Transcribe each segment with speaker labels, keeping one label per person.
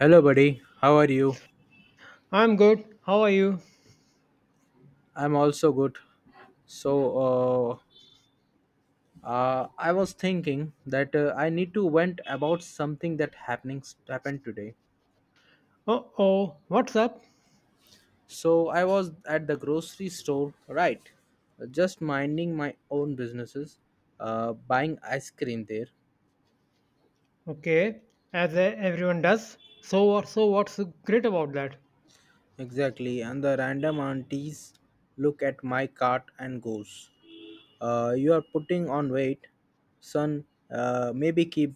Speaker 1: Hello, buddy. How are you?
Speaker 2: I'm good. How are you?
Speaker 1: I'm also good. So, I was thinking that I need to vent about something that happening happened today.
Speaker 2: Oh, oh, what's up?
Speaker 1: So, I was at the grocery store, right? Just minding my own businesses, buying ice cream there.
Speaker 2: Okay, as everyone does. So what? So what's great about that?
Speaker 1: Exactly, and the random aunties look at my cart and goes, "You are putting on weight, son. Maybe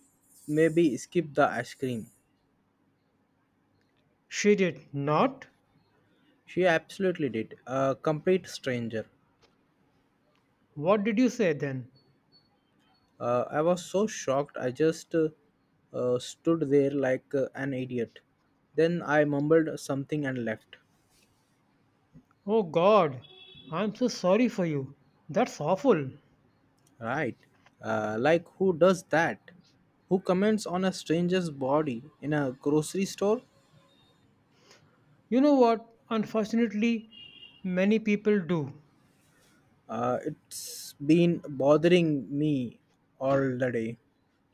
Speaker 1: maybe skip the ice cream."
Speaker 2: She did not.
Speaker 1: She absolutely did. A complete stranger.
Speaker 2: What did you say then?
Speaker 1: I was so shocked. I just stood there like an idiot. Then I mumbled something and left.
Speaker 2: Oh God, I'm so sorry for you. That's awful.
Speaker 1: Right. Like, who does that? Who comments on a stranger's body in a grocery store?
Speaker 2: You know what? Unfortunately, many people do.
Speaker 1: It's been bothering me all the day.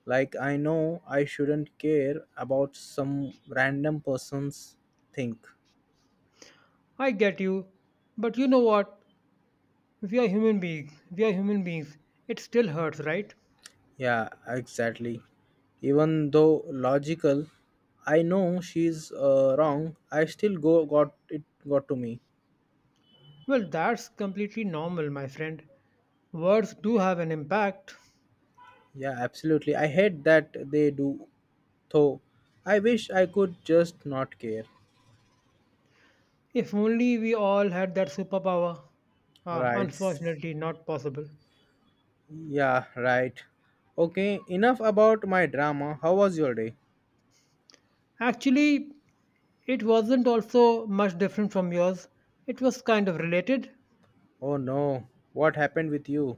Speaker 1: Like, I know I shouldn't care about some random person's think.
Speaker 2: I get you, but you know what? We are human beings. We are human beings. It still hurts, right?
Speaker 1: Yeah, exactly. Even though logical, I know she's wrong. I still go got it got to me.
Speaker 2: Well, that's completely normal, my friend. Words do have an impact.
Speaker 1: Yeah, absolutely. I hate that they do though. I wish I could just not care.
Speaker 2: If only we all had that superpower. Ah,
Speaker 1: Right.
Speaker 2: unfortunately, not possible.
Speaker 1: Yeah, right. Okay, enough about my drama. How was your day?
Speaker 2: Actually, it wasn't also much different from yours. It was kind of related.
Speaker 1: Oh no, what happened with you?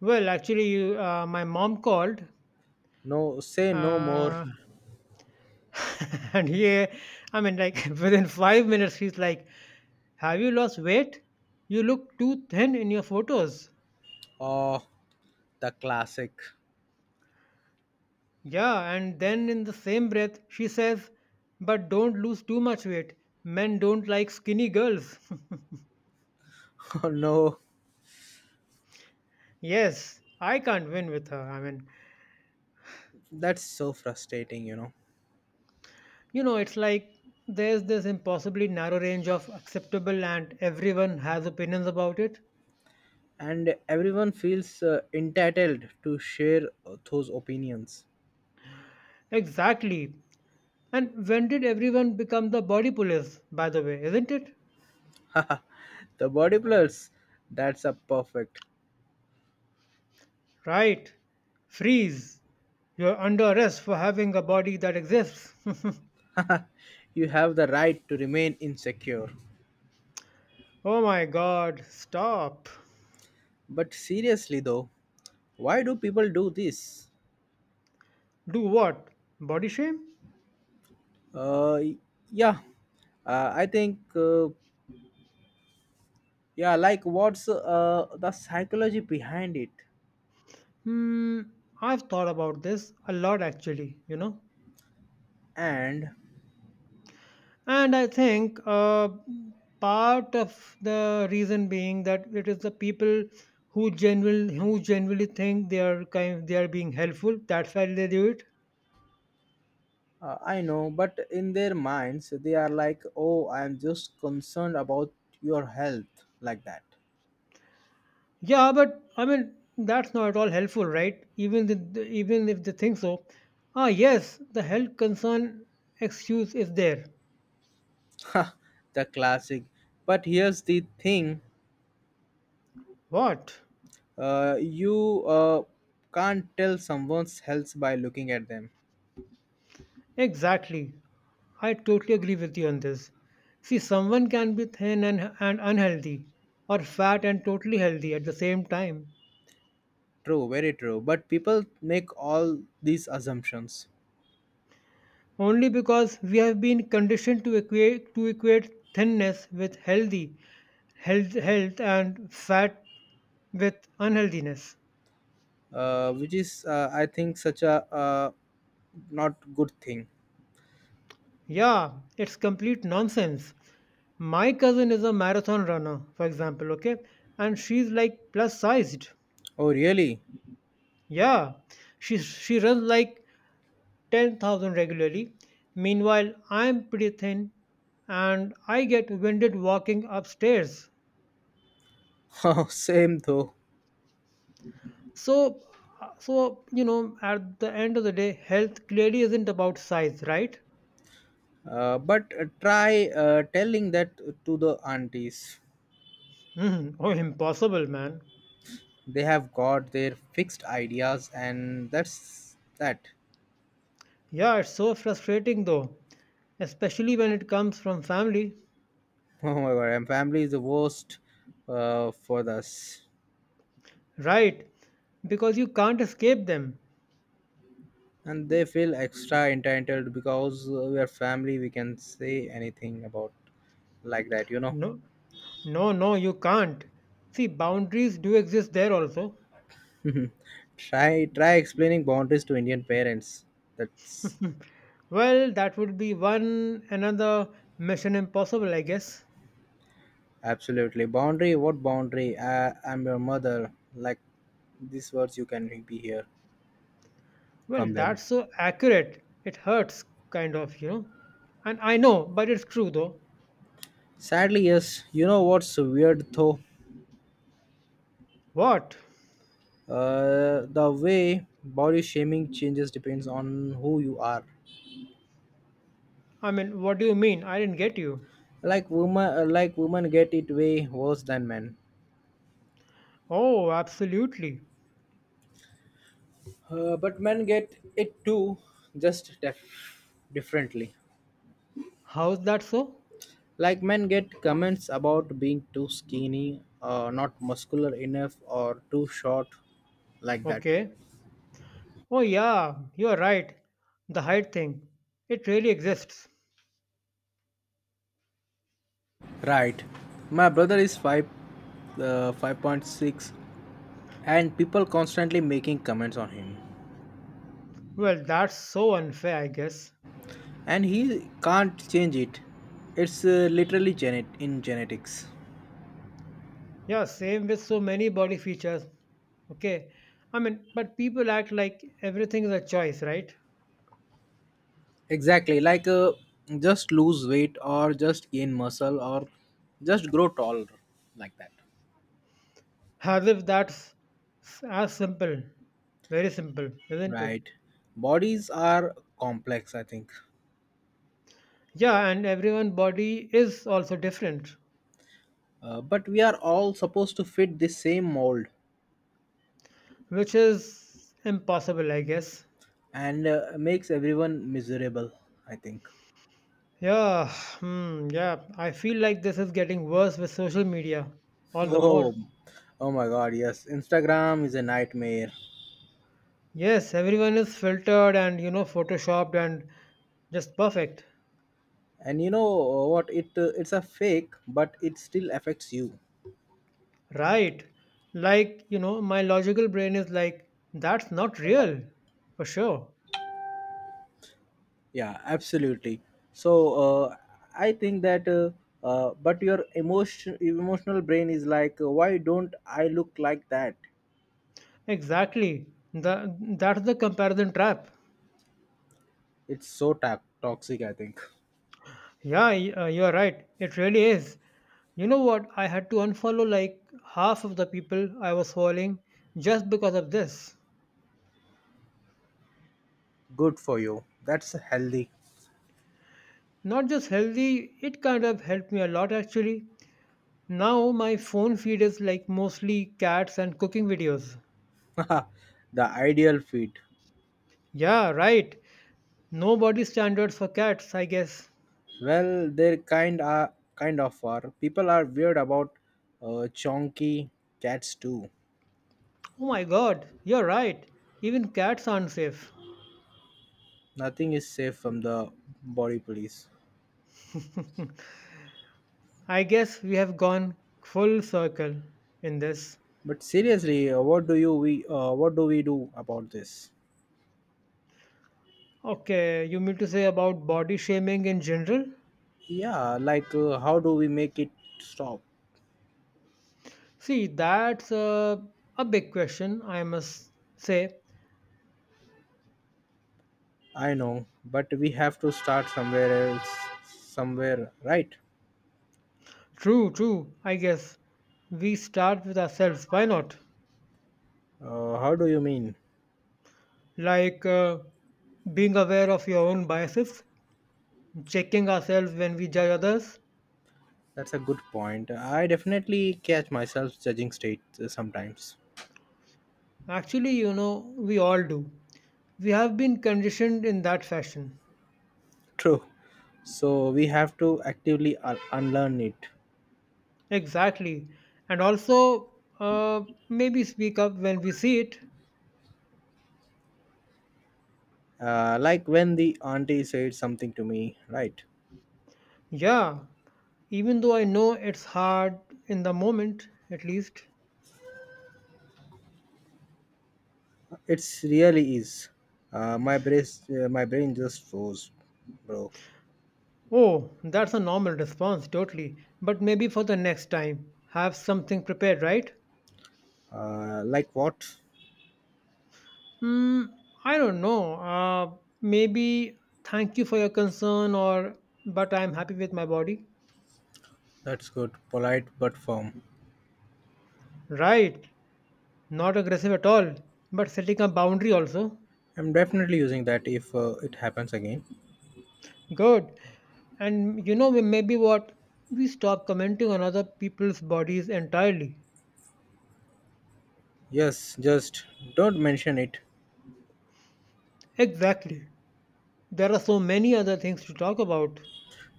Speaker 2: Well, actually, my mom called,
Speaker 1: No, say no more.
Speaker 2: uh, and yeah, I mean, like within 5 minutes, she's like, "Have you lost weight? You look too thin in your photos."
Speaker 1: Oh, the classic.
Speaker 2: Yeah, and then in the same breath, she says, "But don't lose too much weight. Men don't like skinny girls."
Speaker 1: Oh no,
Speaker 2: Yes, I can't win with her. I mean,
Speaker 1: that's so frustrating.
Speaker 2: you know, it's like there's this impossibly narrow range of acceptable, and everyone has opinions about it.
Speaker 1: And everyone feels entitled to share those opinions.
Speaker 2: Exactly. And when did everyone become the body police, by the way, isn't it?
Speaker 1: The bodybuilders, that's a perfect.
Speaker 2: Right. Freeze. You're under arrest for having a body that exists.
Speaker 1: You have the right to remain insecure.
Speaker 2: Oh my god, stop.
Speaker 1: But seriously though, why do people do this?
Speaker 2: Do what? Body shame?
Speaker 1: Uh, yeah, I think yeah, like what's the psychology behind it?
Speaker 2: Hmm, I've thought about this a lot actually, you know.
Speaker 1: And
Speaker 2: And I think part of the reason being that it is the people who genuinely think they are being helpful. That's why they do it.
Speaker 1: I know, but in their minds, they are like, oh, I'm just concerned about your health, like that.
Speaker 2: Yeah, but I mean that's not at all helpful, right? Even if they think so. Ah, yes, the health concern excuse is there.
Speaker 1: Ha, the classic. But here's the thing,
Speaker 2: What?
Speaker 1: you can't tell someone's health by looking at them.
Speaker 2: Exactly. I totally agree with you on this. See, someone can be thin and unhealthy, or fat and totally healthy at the same time,
Speaker 1: True, very true. But people make all these assumptions,
Speaker 2: only because we have been conditioned to equate thinness with healthy, health and fat with unhealthiness.
Speaker 1: which is, I think, such a uh, not good thing.
Speaker 2: Yeah, it's complete nonsense. My cousin is a marathon runner, for example, okay, and she's like plus sized.
Speaker 1: Oh, really?
Speaker 2: Yeah, she runs like 10,000 regularly. Meanwhile, I'm pretty thin and I get winded walking upstairs.
Speaker 1: Oh, same though.
Speaker 2: So, so you know, at the end of the day, health clearly isn't about size, right?
Speaker 1: But try telling that to the aunties.
Speaker 2: Mhm. Oh, impossible, man.
Speaker 1: They have got their fixed ideas, and that's that.
Speaker 2: Yeah, it's so frustrating though, especially when it comes from family,
Speaker 1: Oh my god, and family is the worst for us,
Speaker 2: right? Because you can't escape them.
Speaker 1: and they feel extra entitled because we are family. We can say anything about like that.
Speaker 2: No, no, no, you can't. See, boundaries do exist there also.
Speaker 1: Try explaining boundaries to Indian parents. That's
Speaker 2: Well, that would be one another Mission Impossible, I guess.
Speaker 1: absolutely boundary. What boundary? I'm your mother. Like these words, you can be here from
Speaker 2: Well,
Speaker 1: them.
Speaker 2: that's so accurate. It hurts, kind of, you know. And I know, but it's true though.
Speaker 1: Sadly, yes. You know what's weird though?
Speaker 2: What?
Speaker 1: The way body shaming changes depends on who you are.
Speaker 2: I mean, what do you mean? I didn't get you.
Speaker 1: Like women get it way worse than men.
Speaker 2: Oh, absolutely.
Speaker 1: But men get it too, just differently.
Speaker 2: How's that so?
Speaker 1: Like men get comments about being too skinny, not muscular enough, or too short, like that.
Speaker 2: Okay. Oh, yeah, you're right. The height thing. It really exists.
Speaker 1: Right. My brother is 5.6, and people constantly making comments on him,
Speaker 2: Well, that's so unfair, I guess.
Speaker 1: and he can't change it. It's literally genet in genetics.
Speaker 2: Yeah, same with so many body features. Okay. I mean, but people act like everything is a choice, right?
Speaker 1: Exactly, like just lose weight or just gain muscle or just grow taller like that.
Speaker 2: As if as simple. Very simple, isn't it?
Speaker 1: Right. Bodies are complex, I think.
Speaker 2: Yeah, and everyone body is also different,
Speaker 1: But we are all supposed to fit the same mold
Speaker 2: which is impossible, I guess.
Speaker 1: and makes everyone miserable, I think.
Speaker 2: Yeah, yeah. I feel like this is getting worse with social media, all the
Speaker 1: Oh,
Speaker 2: more.
Speaker 1: oh my god, yes. Instagram is a nightmare.
Speaker 2: Yes, everyone is filtered and, you know, photoshopped and just perfect.
Speaker 1: And you know what? It's a fake, but it still affects you.
Speaker 2: Right. Like, you know, my logical brain is like, that's not real, for sure.
Speaker 1: Yeah, absolutely. So I think that, but your emotional brain is like, why don't I look like that?
Speaker 2: Exactly. That's the comparison trap.
Speaker 1: It's so toxic. I think.
Speaker 2: You're right. It really is. You know what? I had to unfollow like half of the people I was following just because of this.
Speaker 1: Good for you. That's healthy.
Speaker 2: Not just healthy, it kind of helped me a lot actually. Now my phone feed is like mostly cats and cooking videos.
Speaker 1: The ideal fit.
Speaker 2: Yeah, right. No body standards for cats, I guess.
Speaker 1: Well, they're kind of are. People are weird about chonky cats too.
Speaker 2: Oh my god, you're right. Even cats aren't safe.
Speaker 1: Nothing is safe from the body police.
Speaker 2: I guess we have gone full circle in this.
Speaker 1: But seriously, what do you we what do we do about this?
Speaker 2: Okay, you mean to say about body shaming in general?
Speaker 1: Yeah, like how do we make it stop?
Speaker 2: See, that's a big question, I must say.
Speaker 1: I know, but we have to start somewhere else, somewhere, right?
Speaker 2: True, true, I guess. We start with ourselves, why not?
Speaker 1: How do you mean?
Speaker 2: Like being aware of your own biases, checking ourselves when we judge others.
Speaker 1: That's a good point. I definitely catch myself judging states sometimes.
Speaker 2: Actually, you know, we all do. We have been conditioned in that fashion.
Speaker 1: True. So we have to actively unlearn it.
Speaker 2: Exactly. And also, uh, maybe speak up when we see it.
Speaker 1: Like when the auntie said something to me, right?
Speaker 2: Yeah, even though I know it's hard in the moment, at least.
Speaker 1: It's really is. Uh, my brain, my brain just froze, bro.
Speaker 2: Oh, that's a normal response, totally. But maybe for the next time, have something prepared, right?
Speaker 1: Like what?
Speaker 2: Hmm, I don't know. Maybe thank you for your concern, or but I'm happy with my body.
Speaker 1: That's good. Polite but firm.
Speaker 2: Right. Not aggressive at all, but setting a boundary also.
Speaker 1: I'm definitely using that if it happens again.
Speaker 2: Good. And you know, maybe what? We stop commenting on other people's bodies entirely.
Speaker 1: Yes, just don't mention it.
Speaker 2: Exactly. There are so many other things to talk about.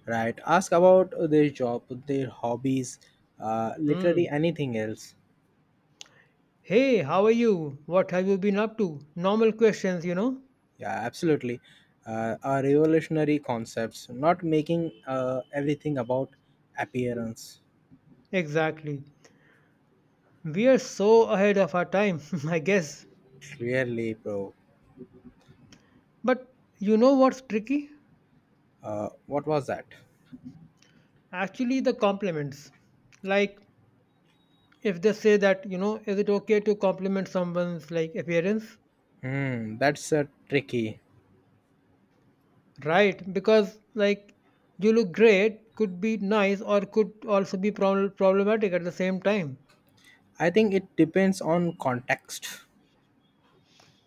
Speaker 1: Right. Ask about their job, their hobbies, literally
Speaker 2: Hmm.
Speaker 1: anything else.
Speaker 2: Hey, how are you? What have you been up to? Normal questions, you know?
Speaker 1: Yeah, absolutely. Are revolutionary concepts, not making everything about appearance.
Speaker 2: Exactly. We are so ahead of our time, I guess.
Speaker 1: Clearly, bro.
Speaker 2: But you know what's tricky?
Speaker 1: What was that?
Speaker 2: Actually, the compliments. Like, if they say that, you know, is it okay to compliment someone's like appearance,
Speaker 1: Hmm, that's tricky.
Speaker 2: right? Because like you look great could be nice or could also be problematic at the same time.
Speaker 1: I think it depends on context.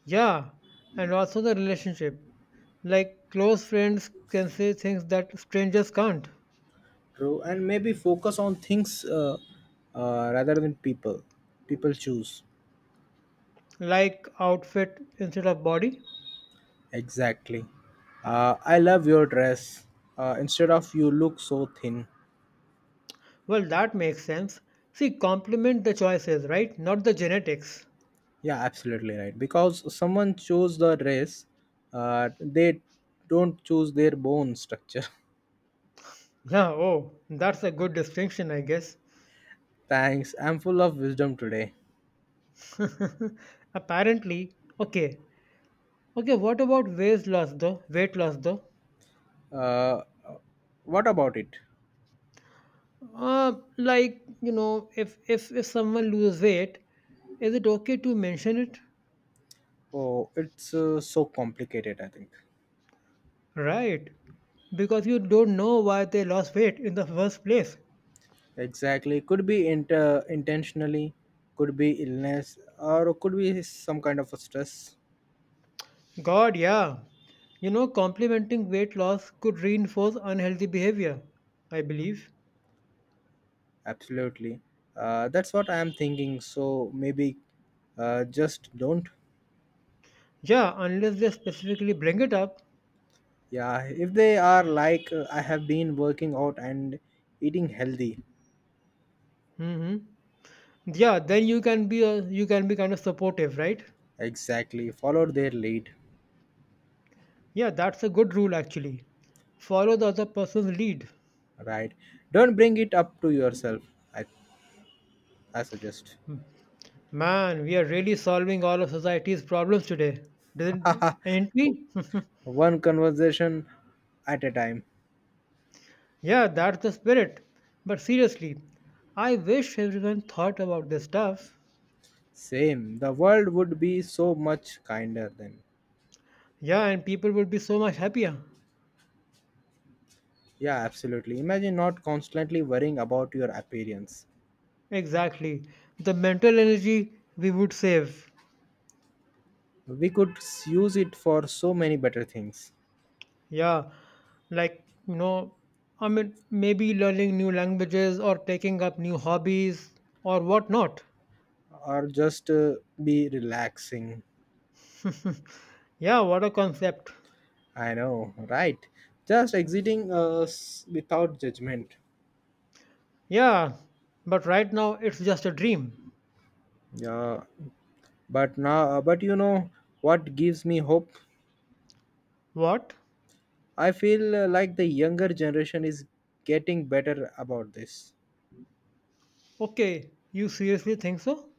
Speaker 2: Yeah, and also the relationship, like close friends can say things that strangers can't.
Speaker 1: True, and maybe focus on things rather than people. People choose
Speaker 2: Like outfit instead of body.
Speaker 1: exactly. I love your dress. Instead of you look so thin.
Speaker 2: Well, that makes sense. See, compliment the choices, right, not the genetics.
Speaker 1: Yeah, absolutely right. Because someone chose the dress, they don't choose their bone structure.
Speaker 2: Yeah, oh, that's a good distinction, I guess.
Speaker 1: Thanks. I'm full of wisdom today.
Speaker 2: Apparently, okay. Okay, what about weight loss though? Weight loss though?
Speaker 1: Uh, what about it?
Speaker 2: Like, you know, if if someone lose weight, is it okay to mention it?
Speaker 1: Oh, it's so complicated. I think.
Speaker 2: Right. Because you don't know why they lost weight in the first place.
Speaker 1: Exactly. Could be intentionally, could be illness, or could be some kind of a stress.
Speaker 2: God, yeah. You know, complimenting weight loss could reinforce unhealthy behavior, I believe.
Speaker 1: Absolutely. That's what I am thinking. So maybe just don't.
Speaker 2: Yeah, unless they specifically bring it up.
Speaker 1: Yeah. If they are like, I have been working out and eating healthy.
Speaker 2: Hmm. Yeah, then you can you can be kind of supportive, right?
Speaker 1: Exactly. Follow their lead.
Speaker 2: Yeah, that's a good rule actually. Follow the other person's lead.
Speaker 1: Right. Don't bring it up to yourself. I, I suggest.
Speaker 2: Man, we are really solving all of society's problems today, didn't ain't we?
Speaker 1: One conversation at a time.
Speaker 2: Yeah, that's the spirit. But seriously, I wish everyone thought about this stuff.
Speaker 1: Same. The world would be so much kinder then.
Speaker 2: Yeah, and people would be so much happier.
Speaker 1: Yeah, absolutely. Imagine not constantly worrying about your appearance.
Speaker 2: Exactly. The mental energy we would save.
Speaker 1: We could use it for so many better things
Speaker 2: Yeah. Like, you know, I mean, maybe learning new languages or taking up new hobbies or whatnot.
Speaker 1: or just be relaxing.
Speaker 2: Yeah, what a concept.
Speaker 1: I know, right? Just exiting us without judgment.
Speaker 2: Yeah, but right now it's just a dream.
Speaker 1: Yeah, but you know what gives me hope?
Speaker 2: What?
Speaker 1: I feel like the younger generation is getting better about this.
Speaker 2: Okay, you seriously think so?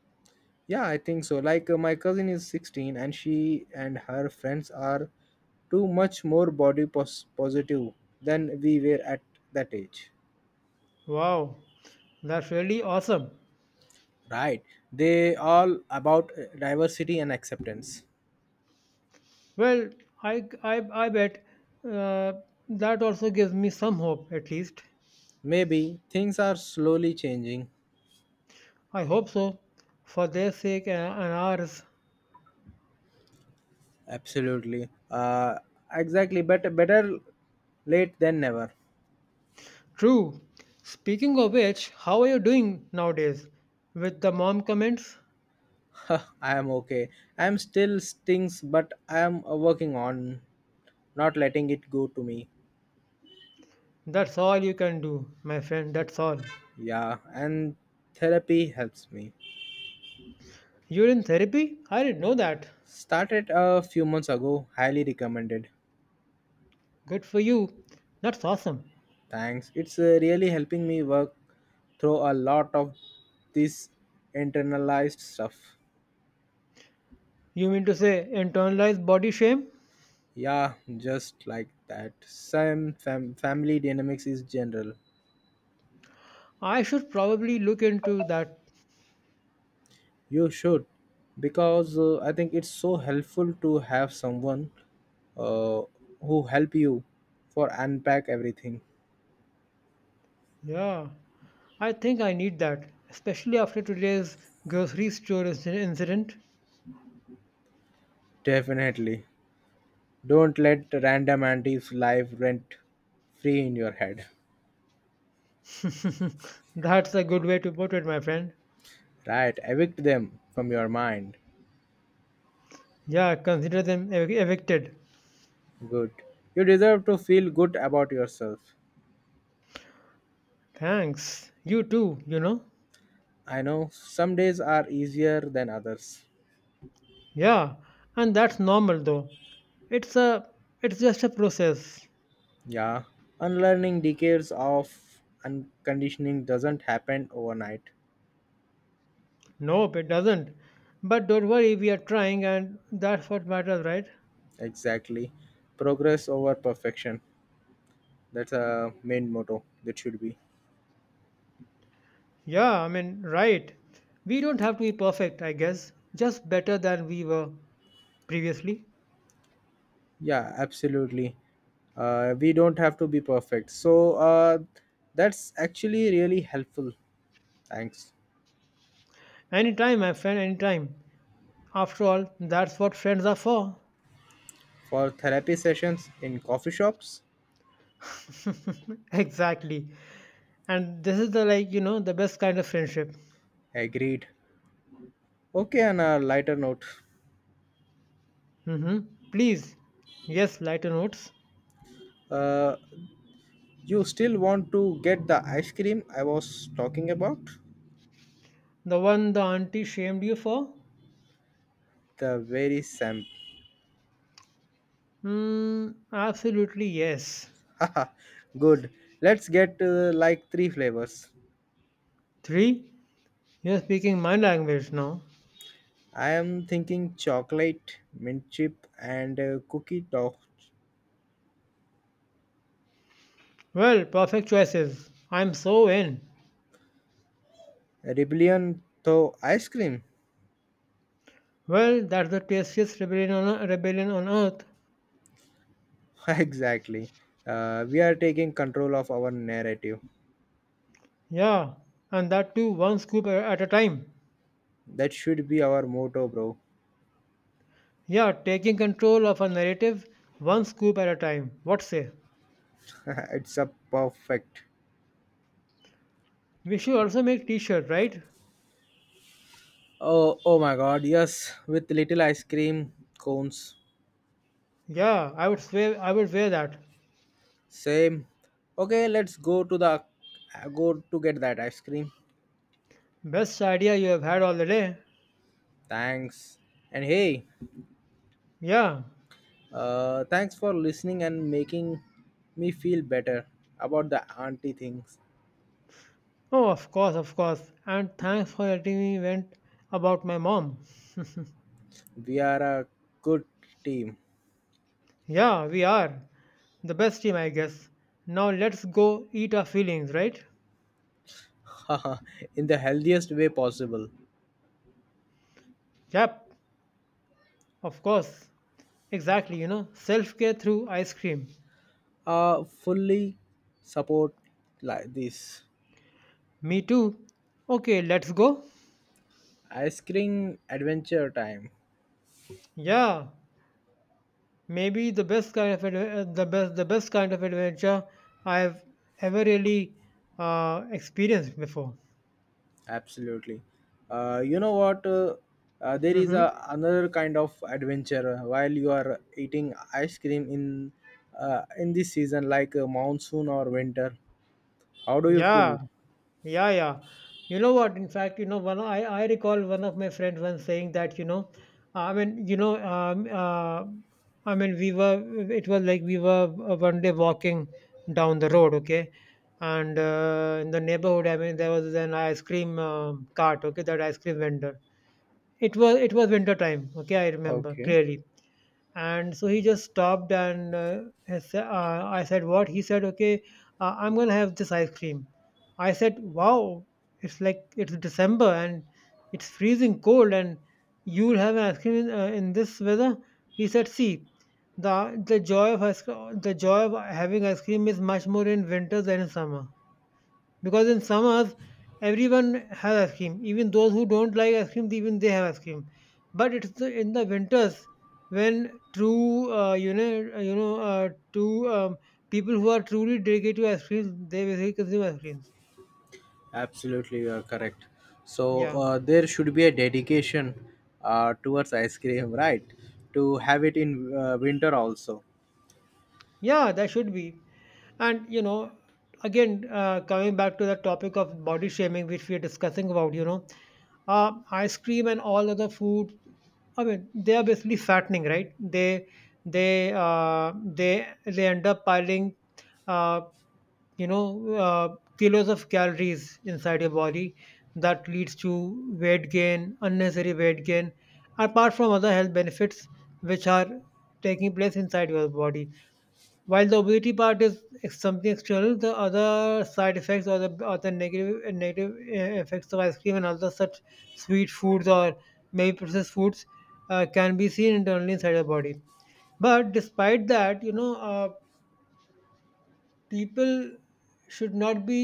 Speaker 1: Yeah, I think so. Like my cousin is 16 and she and her friends are too much more body positive than we were at that age.
Speaker 2: Wow, that's really awesome.
Speaker 1: Right. They all about diversity and acceptance.
Speaker 2: Well, I bet uh, that also gives me some hope, at least.
Speaker 1: Maybe things are slowly changing.
Speaker 2: I hope so, for their sake and ours.
Speaker 1: Absolutely. Exactly, but better late than never.
Speaker 2: True. Speaking of which, how are you doing nowadays? With the mom comments?
Speaker 1: I am okay. I am still stings but I am working on not letting it go to me.
Speaker 2: That's all you can do, my friend, that's all.
Speaker 1: Yeah, and therapy helps me.
Speaker 2: You're in therapy? I didn't know that.
Speaker 1: Started a few months ago, highly recommended.
Speaker 2: Good for you. That's awesome.
Speaker 1: Thanks. It's really helping me work through a lot of this internalized stuff.
Speaker 2: You mean to say internalized body shame?
Speaker 1: Yeah, just like that. Same family dynamics is general.
Speaker 2: I should probably look into that.
Speaker 1: You should, because I think it's so helpful to have someone uh, who help you for unpack everything.
Speaker 2: Yeah, I think I need that, especially after today's grocery store incident.
Speaker 1: Definitely. Don't let random aunties live rent free in your head.
Speaker 2: That's a good way to put it, my friend.
Speaker 1: Right, evict them from your mind.
Speaker 2: Yeah, consider them evicted.
Speaker 1: Good. You deserve to feel good about yourself.
Speaker 2: Thanks. You too, you know?
Speaker 1: I know some days are easier than others.
Speaker 2: Yeah, and that's normal though. It's a it's just a process.
Speaker 1: Yeah. Unlearning decades of unconditioning doesn't happen overnight.
Speaker 2: Nope, it doesn't. But don't worry, we are trying, and that's what matters, right?
Speaker 1: Exactly. Progress over perfection. That's a main motto. That should be.
Speaker 2: Yeah, I mean, right. We don't have to be perfect, I guess. Just better than we were previously.
Speaker 1: Yeah, absolutely. We don't have to be perfect. So that's actually really helpful. Thanks.
Speaker 2: Anytime, my friend, anytime. After all, that's what friends are for.
Speaker 1: For therapy sessions in coffee shops?
Speaker 2: Exactly. And this is the, like, you know, the best kind of friendship.
Speaker 1: Agreed. Okay, on a lighter note,
Speaker 2: Hmm. Please. Yes, lighter notes.
Speaker 1: uh, you still want to get the ice cream I was talking about?
Speaker 2: The one the auntie shamed you for?
Speaker 1: The very same.
Speaker 2: Mm, absolutely, yes.
Speaker 1: Haha, good. Let's get like three flavors.
Speaker 2: Three. You're speaking my language now.
Speaker 1: I am thinking chocolate, mint chip, and cookie dough.
Speaker 2: Well, perfect choices. I'm so in.
Speaker 1: Rebellion though ice cream.
Speaker 2: Well, that's the tastiest rebellion on earth.
Speaker 1: Exactly. We are taking control of our narrative.
Speaker 2: Yeah, and that too one scoop at a time.
Speaker 1: That should be our motto, bro.
Speaker 2: Yeah, taking control of a narrative one scoop at a time. What say?
Speaker 1: It's a perfect.
Speaker 2: We should also make t-shirt, right?
Speaker 1: Oh my god, yes, with little ice cream cones.
Speaker 2: Yeah, I would swear I would wear that.
Speaker 1: Same. Okay, let's go to the go to get that ice cream.
Speaker 2: Best idea you have had all the day.
Speaker 1: Thanks. And hey,
Speaker 2: Yeah.
Speaker 1: thanks for listening and making me feel better about the auntie things.
Speaker 2: Oh, of course, of course. And thanks for letting me vent about my mom.
Speaker 1: We are a good team.
Speaker 2: Yeah, we are. The best team, I guess. Now let's go eat our feelings, right?
Speaker 1: In the healthiest way possible.
Speaker 2: Yep, of course. Exactly, you know, self care through ice cream.
Speaker 1: Fully support like this
Speaker 2: Me too. Okay, let's go.
Speaker 1: ice cream adventure time.
Speaker 2: Yeah, maybe the best kind of the best kind of adventure I've ever really experienced before.
Speaker 1: Absolutely. You know what? There is
Speaker 2: Mm-hmm.
Speaker 1: another kind of adventure while you are eating ice cream in this season, like monsoon or winter. How do you feel?
Speaker 2: Yeah, yeah, yeah. You know what? In fact, you know, one I recall one of my friends once saying that, you know, I mean, you know, um, uh, we were it was like we were one day walking down the road, okay, and in the neighborhood, I mean, there was an ice cream cart, okay, that ice cream vendor. It was winter time, okay, I remember
Speaker 1: Okay.
Speaker 2: clearly, and so he just stopped and I said, what he said, okay, I'm gonna have this ice cream. I said, wow, it's like it's December, and it's freezing cold, and you'll have an ice cream in this weather? He said, see, the joy of the joy of having ice cream is much more in winter than in summer, because in summers, everyone has ice cream. Even those who don't like ice cream, even they have ice cream. But it's the, in the winters, when true, you know, true people who are truly dedicated to ice cream, they basically consume ice creams.
Speaker 1: Absolutely, you are correct. So
Speaker 2: Yeah.
Speaker 1: there should be a dedication towards ice cream, right? To have it in winter also.
Speaker 2: Yeah, that should be. And, you know, again, coming back to the topic of body shaming, which we are discussing about, you know, ice cream and all other food, I mean, they are basically fattening, right? They end up piling, uh, kilos of calories inside your body that leads to weight gain, unnecessary weight gain, apart from other health benefits which are taking place inside your body, while the obesity part is something external, the other side effects or the negative effects of ice cream and other such sweet foods or maybe processed foods can be seen internally inside the body. But despite that, people should not be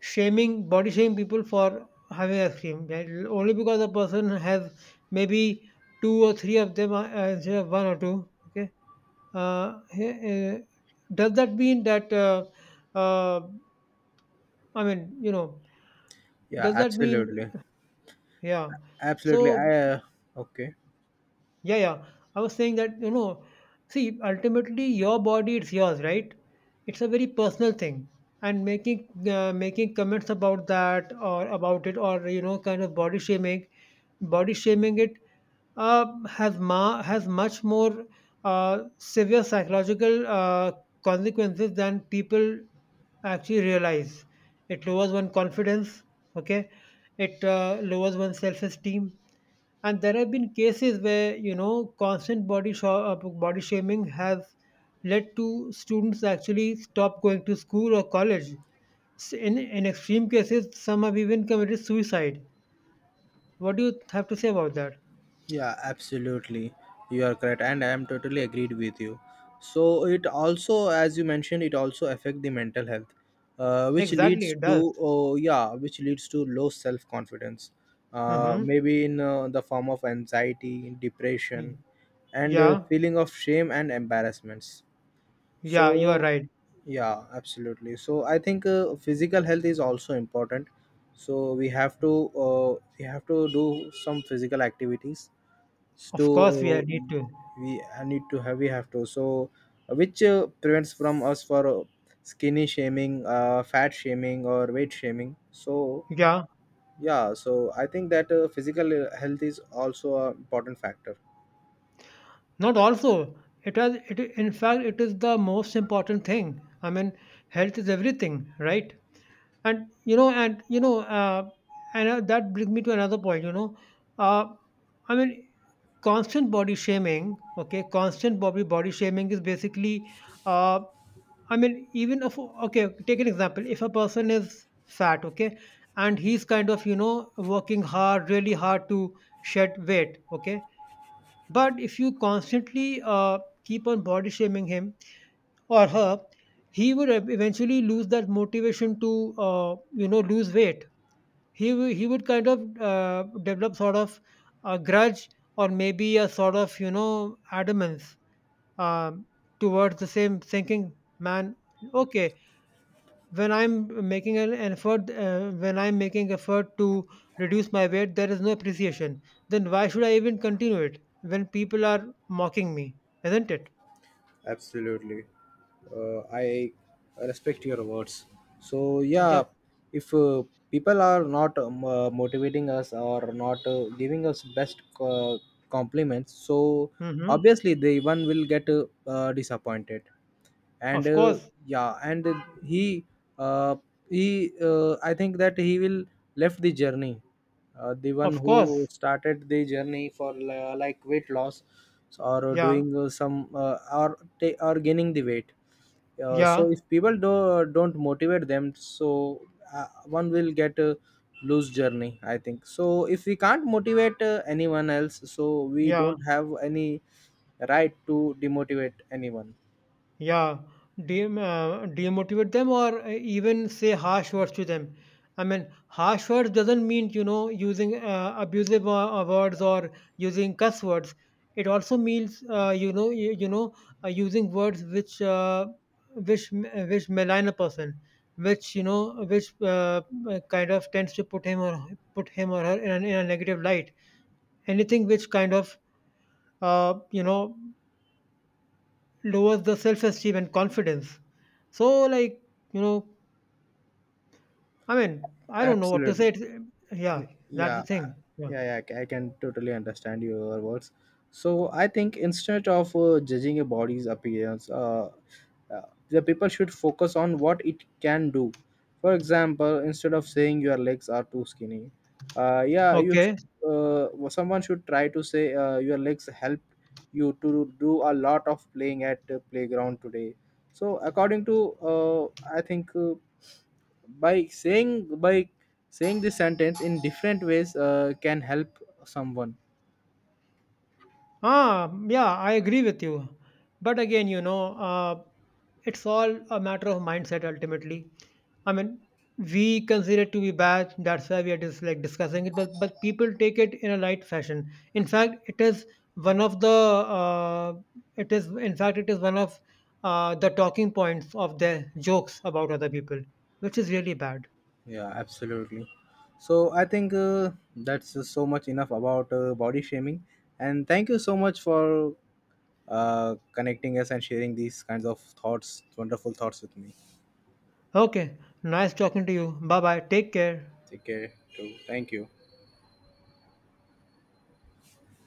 Speaker 2: shaming body shaming people for having ice cream, right? Only because a person has maybe two or three of them instead of one or two. Okay, uh, eh, eh, does that mean that uh, I mean, you know,
Speaker 1: Yeah,
Speaker 2: does that mean,
Speaker 1: absolutely,
Speaker 2: yeah?
Speaker 1: absolutely. I
Speaker 2: So
Speaker 1: okay.
Speaker 2: yeah, yeah. I was saying that, you know, see, ultimately your body, it's yours, right? It's a very personal thing. And making making comments about that or about it, or you know, kind of body shaming it has much more severe psychological consequences than people actually realize. It lowers one confidence. Okay, it lowers one's self esteem, and there have been cases where you know constant body shaming has led to students actually stop going to school or college. In extreme cases, some have even committed suicide. What do you have to say about that?
Speaker 1: Yeah, absolutely. You are correct, and I am totally agreed with you. So it also, as you mentioned, it also affect the mental health, which
Speaker 2: Exactly,
Speaker 1: leads
Speaker 2: it does.
Speaker 1: to, oh yeah, which leads to low self confidence.
Speaker 2: Mm-hmm.
Speaker 1: Maybe in the form of anxiety, depression, and a
Speaker 2: Yeah,
Speaker 1: feeling of shame and embarrassments.
Speaker 2: yeah, you are
Speaker 1: So
Speaker 2: right.
Speaker 1: yeah, absolutely. So I think physical health is also important. So we have to do some physical activities to
Speaker 2: Of course we are need to.
Speaker 1: we I need to have we have to so which prevents from us for skinny shaming fat shaming or weight shaming. So
Speaker 2: Yeah,
Speaker 1: yeah, so I think that physical health is also an important factor.
Speaker 2: not also, it has it, in fact it is the most important thing. I mean, health is everything, right? And you know, and you know, and That brings me to another point. You know, uh, I mean, constant body shaming. Okay, constant body shaming is basically, uh, I mean, even if, okay, take an example. If a person is fat, okay, and he's kind of you know working hard, really hard to shed weight, okay. But if you constantly keep on body shaming him or her, he would eventually lose that motivation to you know lose weight. He he would kind of develop sort of a grudge, or maybe a sort of you know adamance, um, towards the same thinking, man. Okay, when I'm making effort to reduce my weight, there is no appreciation, then why should I even continue it when people are mocking me? Isn't it?
Speaker 1: Absolutely. I respect your words. So yeah,
Speaker 2: Yep.
Speaker 1: if people are not motivating us or not giving us best compliments, so
Speaker 2: Hmm.
Speaker 1: obviously the one will get disappointed. And
Speaker 2: Of course,
Speaker 1: yeah, and he uh, he I think that he will left the journey, the one
Speaker 2: of
Speaker 1: who
Speaker 2: course.
Speaker 1: started the journey for like weight loss or
Speaker 2: Yeah,
Speaker 1: doing some or or gaining the weight.
Speaker 2: yeah,
Speaker 1: So if people don't motivate them, so one will get a loose journey, I think. So if we can't motivate anyone else, so we
Speaker 2: yeah.
Speaker 1: don't have any right to demotivate anyone.
Speaker 2: Yeah, demotivate them, or even say harsh words to them. I mean, harsh words doesn't mean, you know, using abusive words, or using cuss words. It also means, using words which which malign a person, which kind of tends to put him or her in a negative light. Anything which kind of, uh, you know, lowers the self esteem and confidence. So, like, you know, I mean, I don't know what to
Speaker 1: Absolutely.
Speaker 2: say. It's, yeah,
Speaker 1: Y-
Speaker 2: that's the
Speaker 1: yeah,
Speaker 2: thing. Yeah.
Speaker 1: yeah, yeah, I can totally understand your words. So I think instead of judging a body's appearance, uh, the people should focus on what it can do. For example, instead of saying your legs are too skinny, yeah,
Speaker 2: Okay.
Speaker 1: someone should try to say your legs help you to do a lot of playing at the playground today. So according to uh, I think by by Saying this sentence in different ways can help someone.
Speaker 2: Ah, yeah, I agree with you. But again, it's all a matter of mindset ultimately. I mean, we consider it to be bad. That's why we are just like discussing it. But people take it in a light fashion. In fact, it is one of the it is in fact it is one of the talking points of their jokes about other people, which is really bad.
Speaker 1: Yeah, absolutely. So I think that's so much enough about body shaming. And thank you so much for connecting us and sharing these kinds of thoughts, wonderful thoughts with me.
Speaker 2: Okay, nice talking to you. Bye bye. Take care.
Speaker 1: Take care. Too. Thank you.